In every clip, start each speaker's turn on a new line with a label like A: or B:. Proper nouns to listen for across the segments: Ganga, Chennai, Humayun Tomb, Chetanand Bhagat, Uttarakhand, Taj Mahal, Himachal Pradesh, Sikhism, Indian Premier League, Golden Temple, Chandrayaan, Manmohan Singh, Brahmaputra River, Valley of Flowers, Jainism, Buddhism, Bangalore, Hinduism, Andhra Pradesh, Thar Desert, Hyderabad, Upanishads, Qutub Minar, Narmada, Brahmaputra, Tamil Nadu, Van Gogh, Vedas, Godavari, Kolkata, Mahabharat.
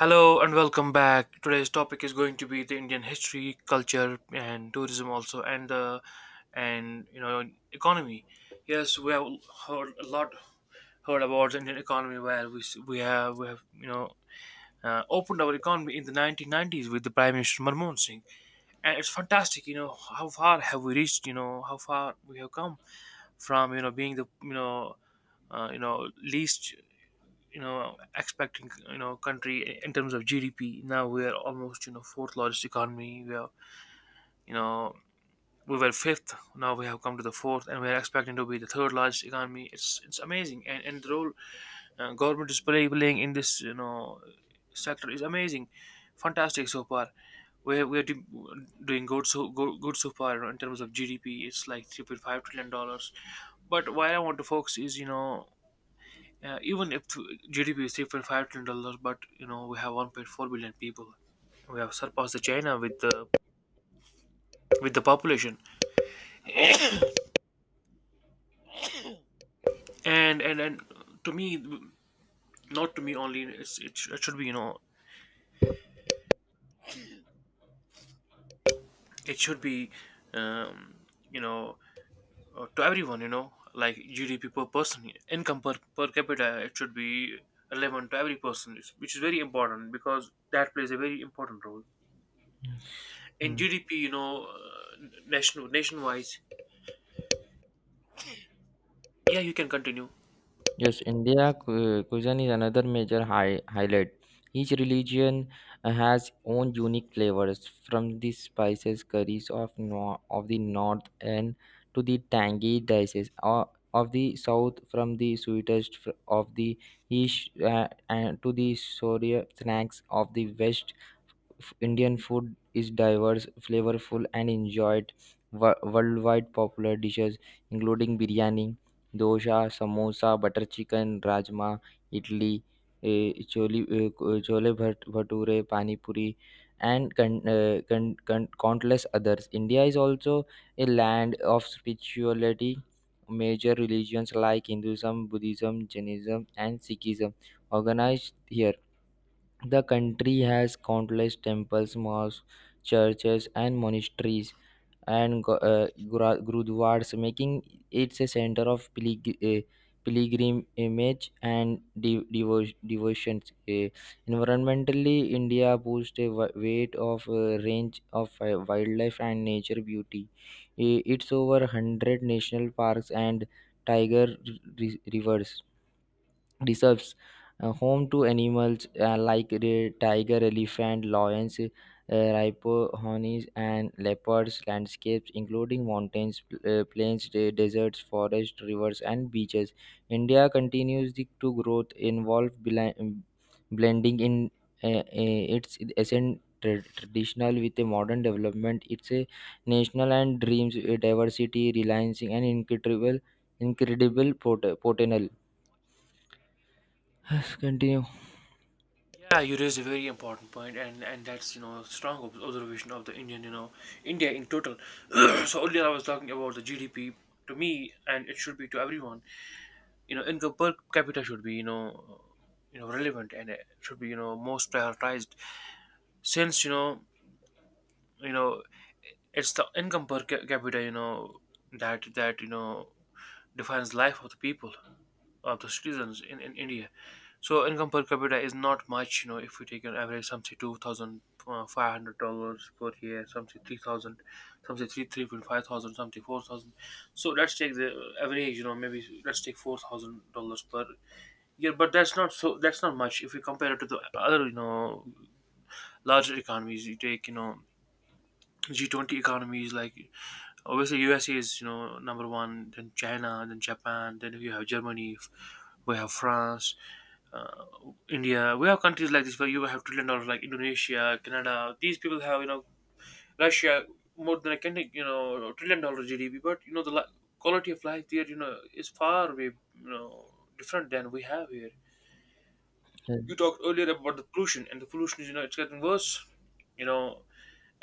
A: Hello and welcome back. Today's topic is going to be the Indian history, culture, and tourism also, and, economy. Yes, we have heard a lot, heard about the Indian economy, where we have opened our economy in the 1990s with the Prime Minister Manmohan Singh, and it's fantastic. You know how far have we reached? You know how far we have come from, being the, least, expecting, country in terms of GDP. Now we are almost, fourth largest economy. We are you know we were fifth. Now we have come to the fourth, and we are expecting to be the third largest economy. It's amazing, and the role, government is playing in this, sector is amazing, fantastic so far. We're doing good, good so far, in terms of GDP. It's like $3.5 trillion. But why I want to focus is, yeah, even if GDP is $3.5 trillion, but, we have 1.4 billion people. We have surpassed the China with the population. And to me, not to me only. It should be, you know it should be um, you know to everyone, like GDP per person, income per capita. It should be relevant to every person, which is very important because that plays a very important role
B: Yes.
A: in
B: Mm.
A: GDP. You know, national nationwise. Yeah, you can continue.
B: Yes, India cuisine is another major highlight. Each religion has own unique flavors, from the spices curries of the north and to the tangy dishes of the south, from the sweetest of the east and to the sour snacks of the west. Indian food is diverse, flavorful, and enjoyed worldwide. Popular dishes including biryani, dosa, samosa, butter chicken, rajma, idli, chole, chole bhature, pani puri, and countless others. India is also a land of spirituality. Major religions like Hinduism, Buddhism, Jainism, and Sikhism organized here. The country has countless temples, mosques, churches, and monasteries and gurudwaras, making it a center of pilgrimage and devotions. Environmentally, India boasts a wi- weight of range of wildlife and nature beauty. It's over 100 national parks and tiger r- re- rivers reserves, home to animals like the tiger, elephant, lions, rhinos, and leopards, landscapes including mountains, plains, deserts, forests, rivers, and beaches. India continues to growth involved blending in its essence traditional with a modern development. It's a national and dreams, diversity, reliance, and incredible potential. Yes, continue.
A: Yeah, you raised a very important point, and that's, strong observation of the Indian, India in total. So earlier I was talking about the GDP. To me, and it should be to everyone. You know, income per capita should be, relevant, and it should be, most prioritized. Since, you know, it's the income capita, that defines life of the people. Of the citizens in India. So income per capita is not much, if we take an average, some say two thousand, five hundred dollars per year, some say 3,000, some say 3,500, some say 4,000. So let's take the average, maybe let's take $4,000 per year. But that's not so. That's not much if we compare it to the other, larger economies. You take. G20 economies like, obviously, USA is, number one, then China, then Japan, then you have Germany, we have France, uh, India. We have countries like this where you have trillion dollars, like Indonesia, Canada. These people have, Russia, more than a, can trillion dollar GDP, but, the quality of life there, is far way, you know different than we have here. You
B: Mm.
A: talked earlier about the pollution, and the pollution is, it's getting worse. You know,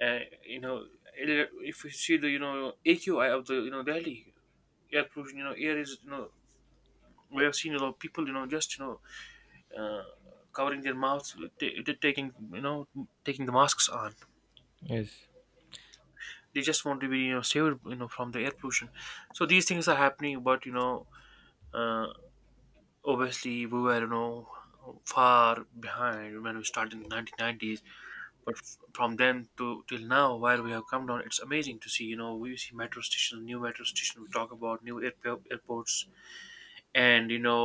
A: uh, you know if you see the, AQI of the, Delhi air pollution, air is, we have seen a lot of people, just, uh, covering their mouths, t- t- taking you know taking the masks on.
B: Yes.
A: They just want to be, saved, from the air pollution. So these things are happening, but, uh, obviously we were, far behind when we started in the 1990s. But from then to till now, where we have come down, it's amazing to see. We see metro stations, new metro stations. We talk about new airports, and, you know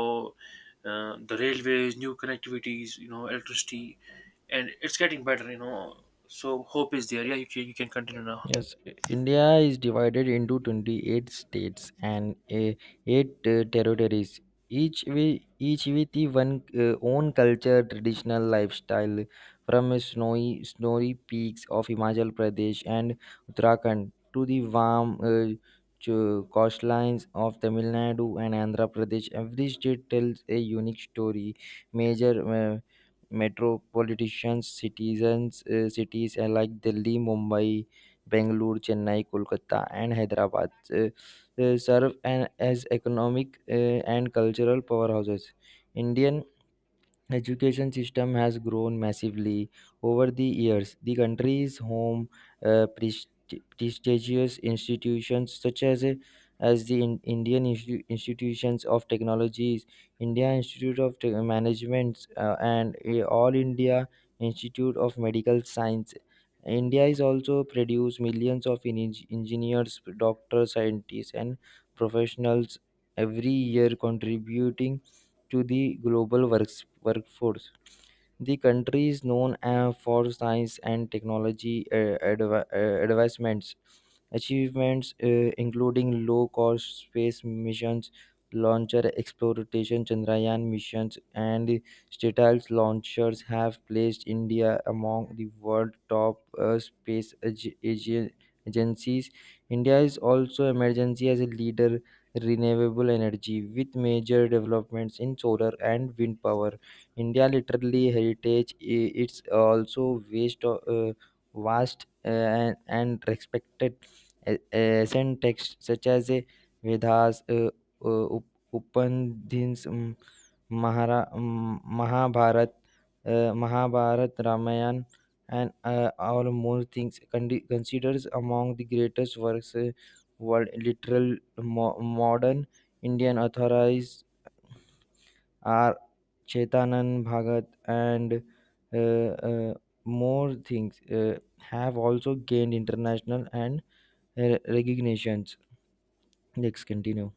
A: uh, the railways, new connectivities, electricity. And it's getting better, so hope is there. Yeah, you can, continue now.
B: Yes, India is divided into 28 states and 8 territories, each with, each with the one own culture, traditional lifestyle, from snowy peaks of Himachal Pradesh and Uttarakhand to the warm coastlines of Tamil Nadu and Andhra Pradesh. Every state tells a unique story. Major metropolitan cities like Delhi, Mumbai, Bangalore, Chennai, Kolkata, and Hyderabad serve as economic and cultural powerhouses. Indian education system has grown massively over the years. The country's home presti- prestigious institutions such as the indian institutions of technologies, india institute of management, and all india institute of medical science. India is also produced millions of engineers, doctors, scientists, and professionals every year, contributing to the global workforce. The country is known for science and technology advancements. Achievements including low cost space missions, launcher exploration, Chandrayaan missions, and Statile launchers have placed India among the world top space agencies. India is also emergency as a leader renewable energy with major developments in solar and wind power. India literally heritage it's also vast, and respected ancient texts such as Vedas, Upanishads, Mahara, um, Mahabharat, Mahabharat, Ramayana, and all more things considers among the greatest works world literal modern Indian authorized are Chetanand Bhagat and uh, uh, more things have also gained international and recognitions. Let's continue.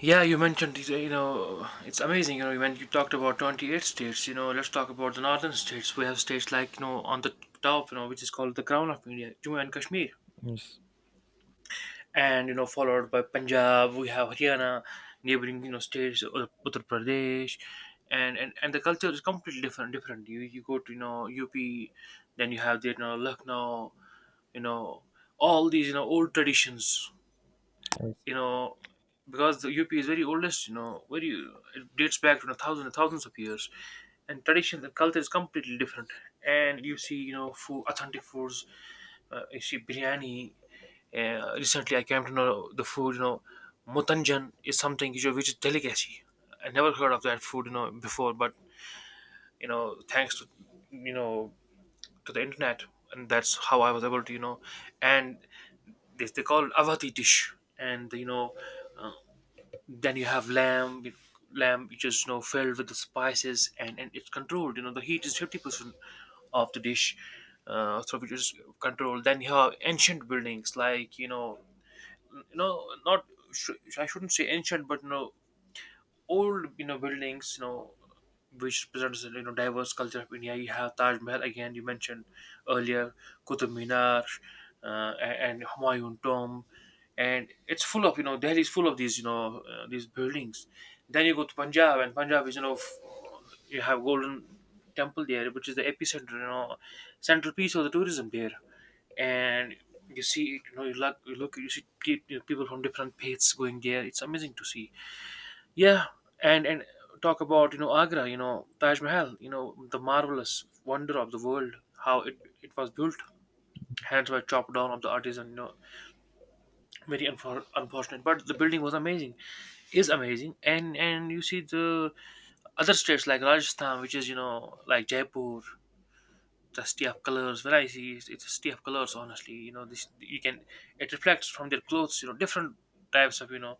A: Yeah, you mentioned these. It's amazing, when you talked about 28 states. Let's talk about the northern states. We have states like, on the top, which is called the crown of India, Jammu and Kashmir,
B: Yes.
A: and, followed by Punjab. We have Haryana, neighboring, states, Uttar Pradesh, and the culture is completely different. You go to, UP, then you have the, Lucknow, you know all these, old traditions,
B: Yes.
A: you know because the UP is very oldest, very. It dates back to, thousands and thousands of years, and traditions and culture is completely different. And you see, food, authentic foods, you see biryani. Recently, I came to know the food, mutanjan is something which is delicacy. I never heard of that food, before, but, thanks to, you know the internet. And that's how I was able to, and this, they call it avati dish. And, uh, then you have lamb, which is, filled with the spices, and it's controlled. You know the heat is 50% of the dish, so which is controlled. Then you have ancient buildings like, not, I shouldn't say ancient, but no, old, buildings, which represents, diverse culture of India. You have Taj Mahal, again you mentioned earlier, Qutub Minar, and Humayun Tomb. And it's full of, Delhi is full of these buildings. Then you go to Punjab. And Punjab is, you have Golden Temple there, which is the epicenter, central piece of the tourism there. And you see, you see people from different faiths going there. It's amazing to see. Yeah, and talk about, Agra, Taj Mahal, the marvelous wonder of the world, how it was built. Hands were chopped down of the artisan, very unfortunate. But the building was amazing, is amazing, and you see the other states like Rajasthan, which is, like Jaipur, the city of colors. When I see it, it's a city of colors. Honestly, you know this you can it reflects from their clothes. You know different types of,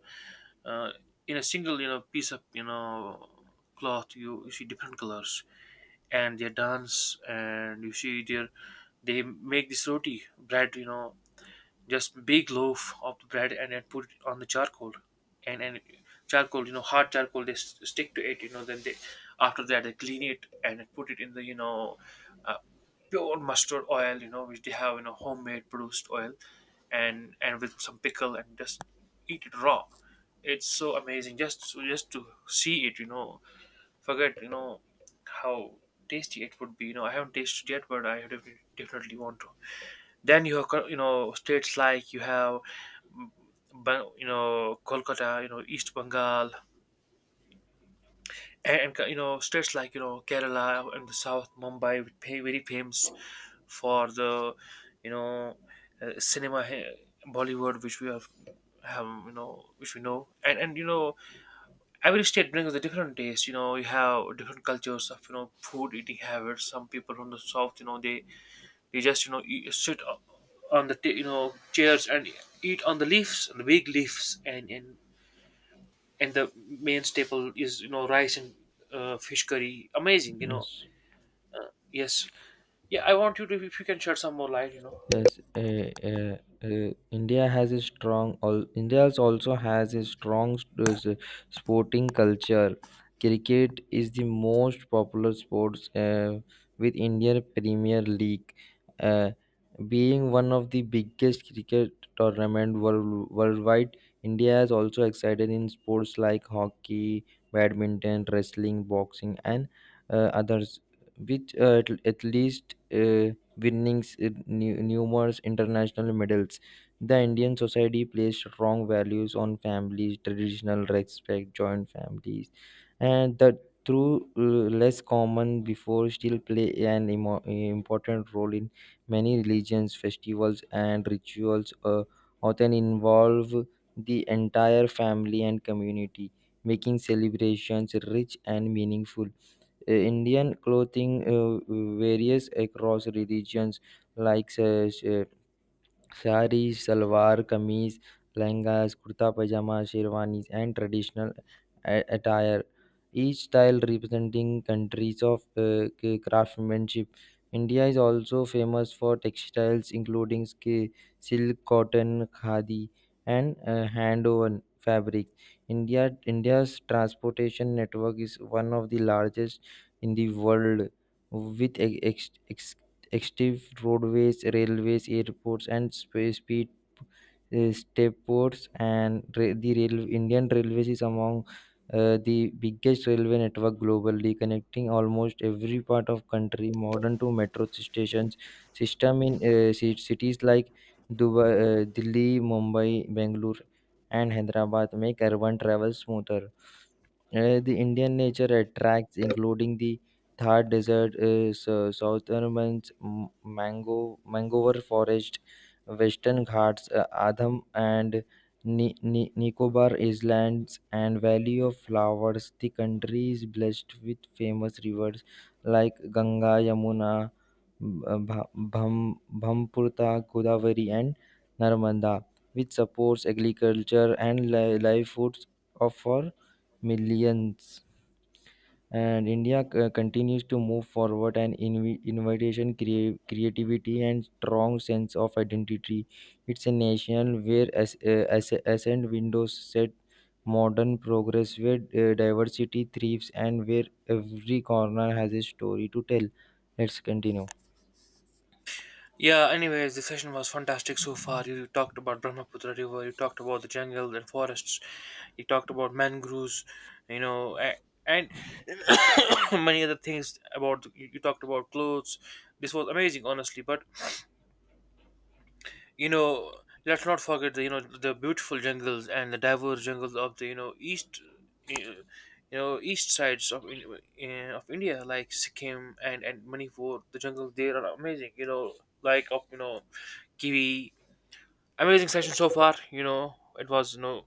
A: uh, in a single, piece of, cloth, you see different colors. And their dance, and you see their, they make this roti bread, just big loaf of the bread, and then put it on the charcoal. And charcoal, hard charcoal, they stick to it, then they, after that they clean it and then put it in the, uh, pure mustard oil, which they have, homemade produced oil, and with some pickle and just eat it raw. It's so amazing, just to see it, forget, how tasty it would be. I haven't tasted yet, but I definitely, definitely want to. Then you have states like you have mm, Ban- you know Kolkata, East Bengal, and co- you know states like, Kerala, and the South Mumbai, which pay very famous for the, you know cinema here, Bollywood, which we have, which we know. And, every state brings a different taste. You have different cultures of, food, eating habits. Some people from the south, you just, you sit on the chairs, and eat on the leaves, the big leaves. And the main staple is, rice and, fish curry. Amazing.
B: Yes.
A: Yes, yeah. I want you to, if you can shed some more light.
B: Yes, India has a strong. All India's also has a strong uh, s- sporting culture. Cricket is the most popular sports with Indian Premier League, uh, being one of the biggest cricket tournament worldwide. India is also excited in sports like hockey, badminton, wrestling, boxing, and others, which at least. Winning numerous international medals. The Indian society placed strong values on families, traditional respect, joint families, and the through less common before still play an important role in many religions, festivals, and rituals. Often involve the entire family and community, making celebrations rich and meaningful. Indian clothing varies across religions, like sari salwar कमीज lehenga kurta pajama शेरwanis and traditional attire, each style representing countries of craftsmanship. India is also famous for textiles including silk, cotton, khadi, and hand woven fabric. India, india's transportation network is one of the largest in the world, with extensive roadways, railways, airports, and space speed step ports. And ra- the rail- Indian Railways is among the biggest railway network globally, connecting almost every part of country. Modern to metro stations system in cities like Dubai, Delhi, Mumbai, Bangalore, and Hyderabad make urban travel smoother. The Indian nature attracts, including the Thar Desert is Southernmost m- mango mangrove forest, Western Ghats, Adham and Nicobar Islands and Valley of Flowers. The country is blessed with famous rivers like Ganga, Yamuna, Brahmaputra, Godavari, and Narmada, which supports agriculture and livelihoods of for millions. And India continues to move forward and invitation, creativity, and strong sense of identity. It's a nation where ascent windows set modern progress, where diversity thrives, and where every corner has a story to tell. Let's continue.
A: Yeah. Anyways, the session was fantastic so far. You talked about Brahmaputra River. You talked about the jungle and forests. You talked about mangroves. You know. a- And many other things about, you talked about clothes. This was amazing, honestly, but, you know let's not forget the, beautiful jungles, and the diverse jungles of the, east, you east sides of of India, like Sikkim and Manipur. The jungles there are amazing, like of, kiwi. Amazing session so far, it was,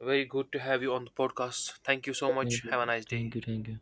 A: very good to have you on the podcast. Thank you so
B: Yes,
A: much.
B: yes.
A: Have a nice day.
B: Thank you, thank you.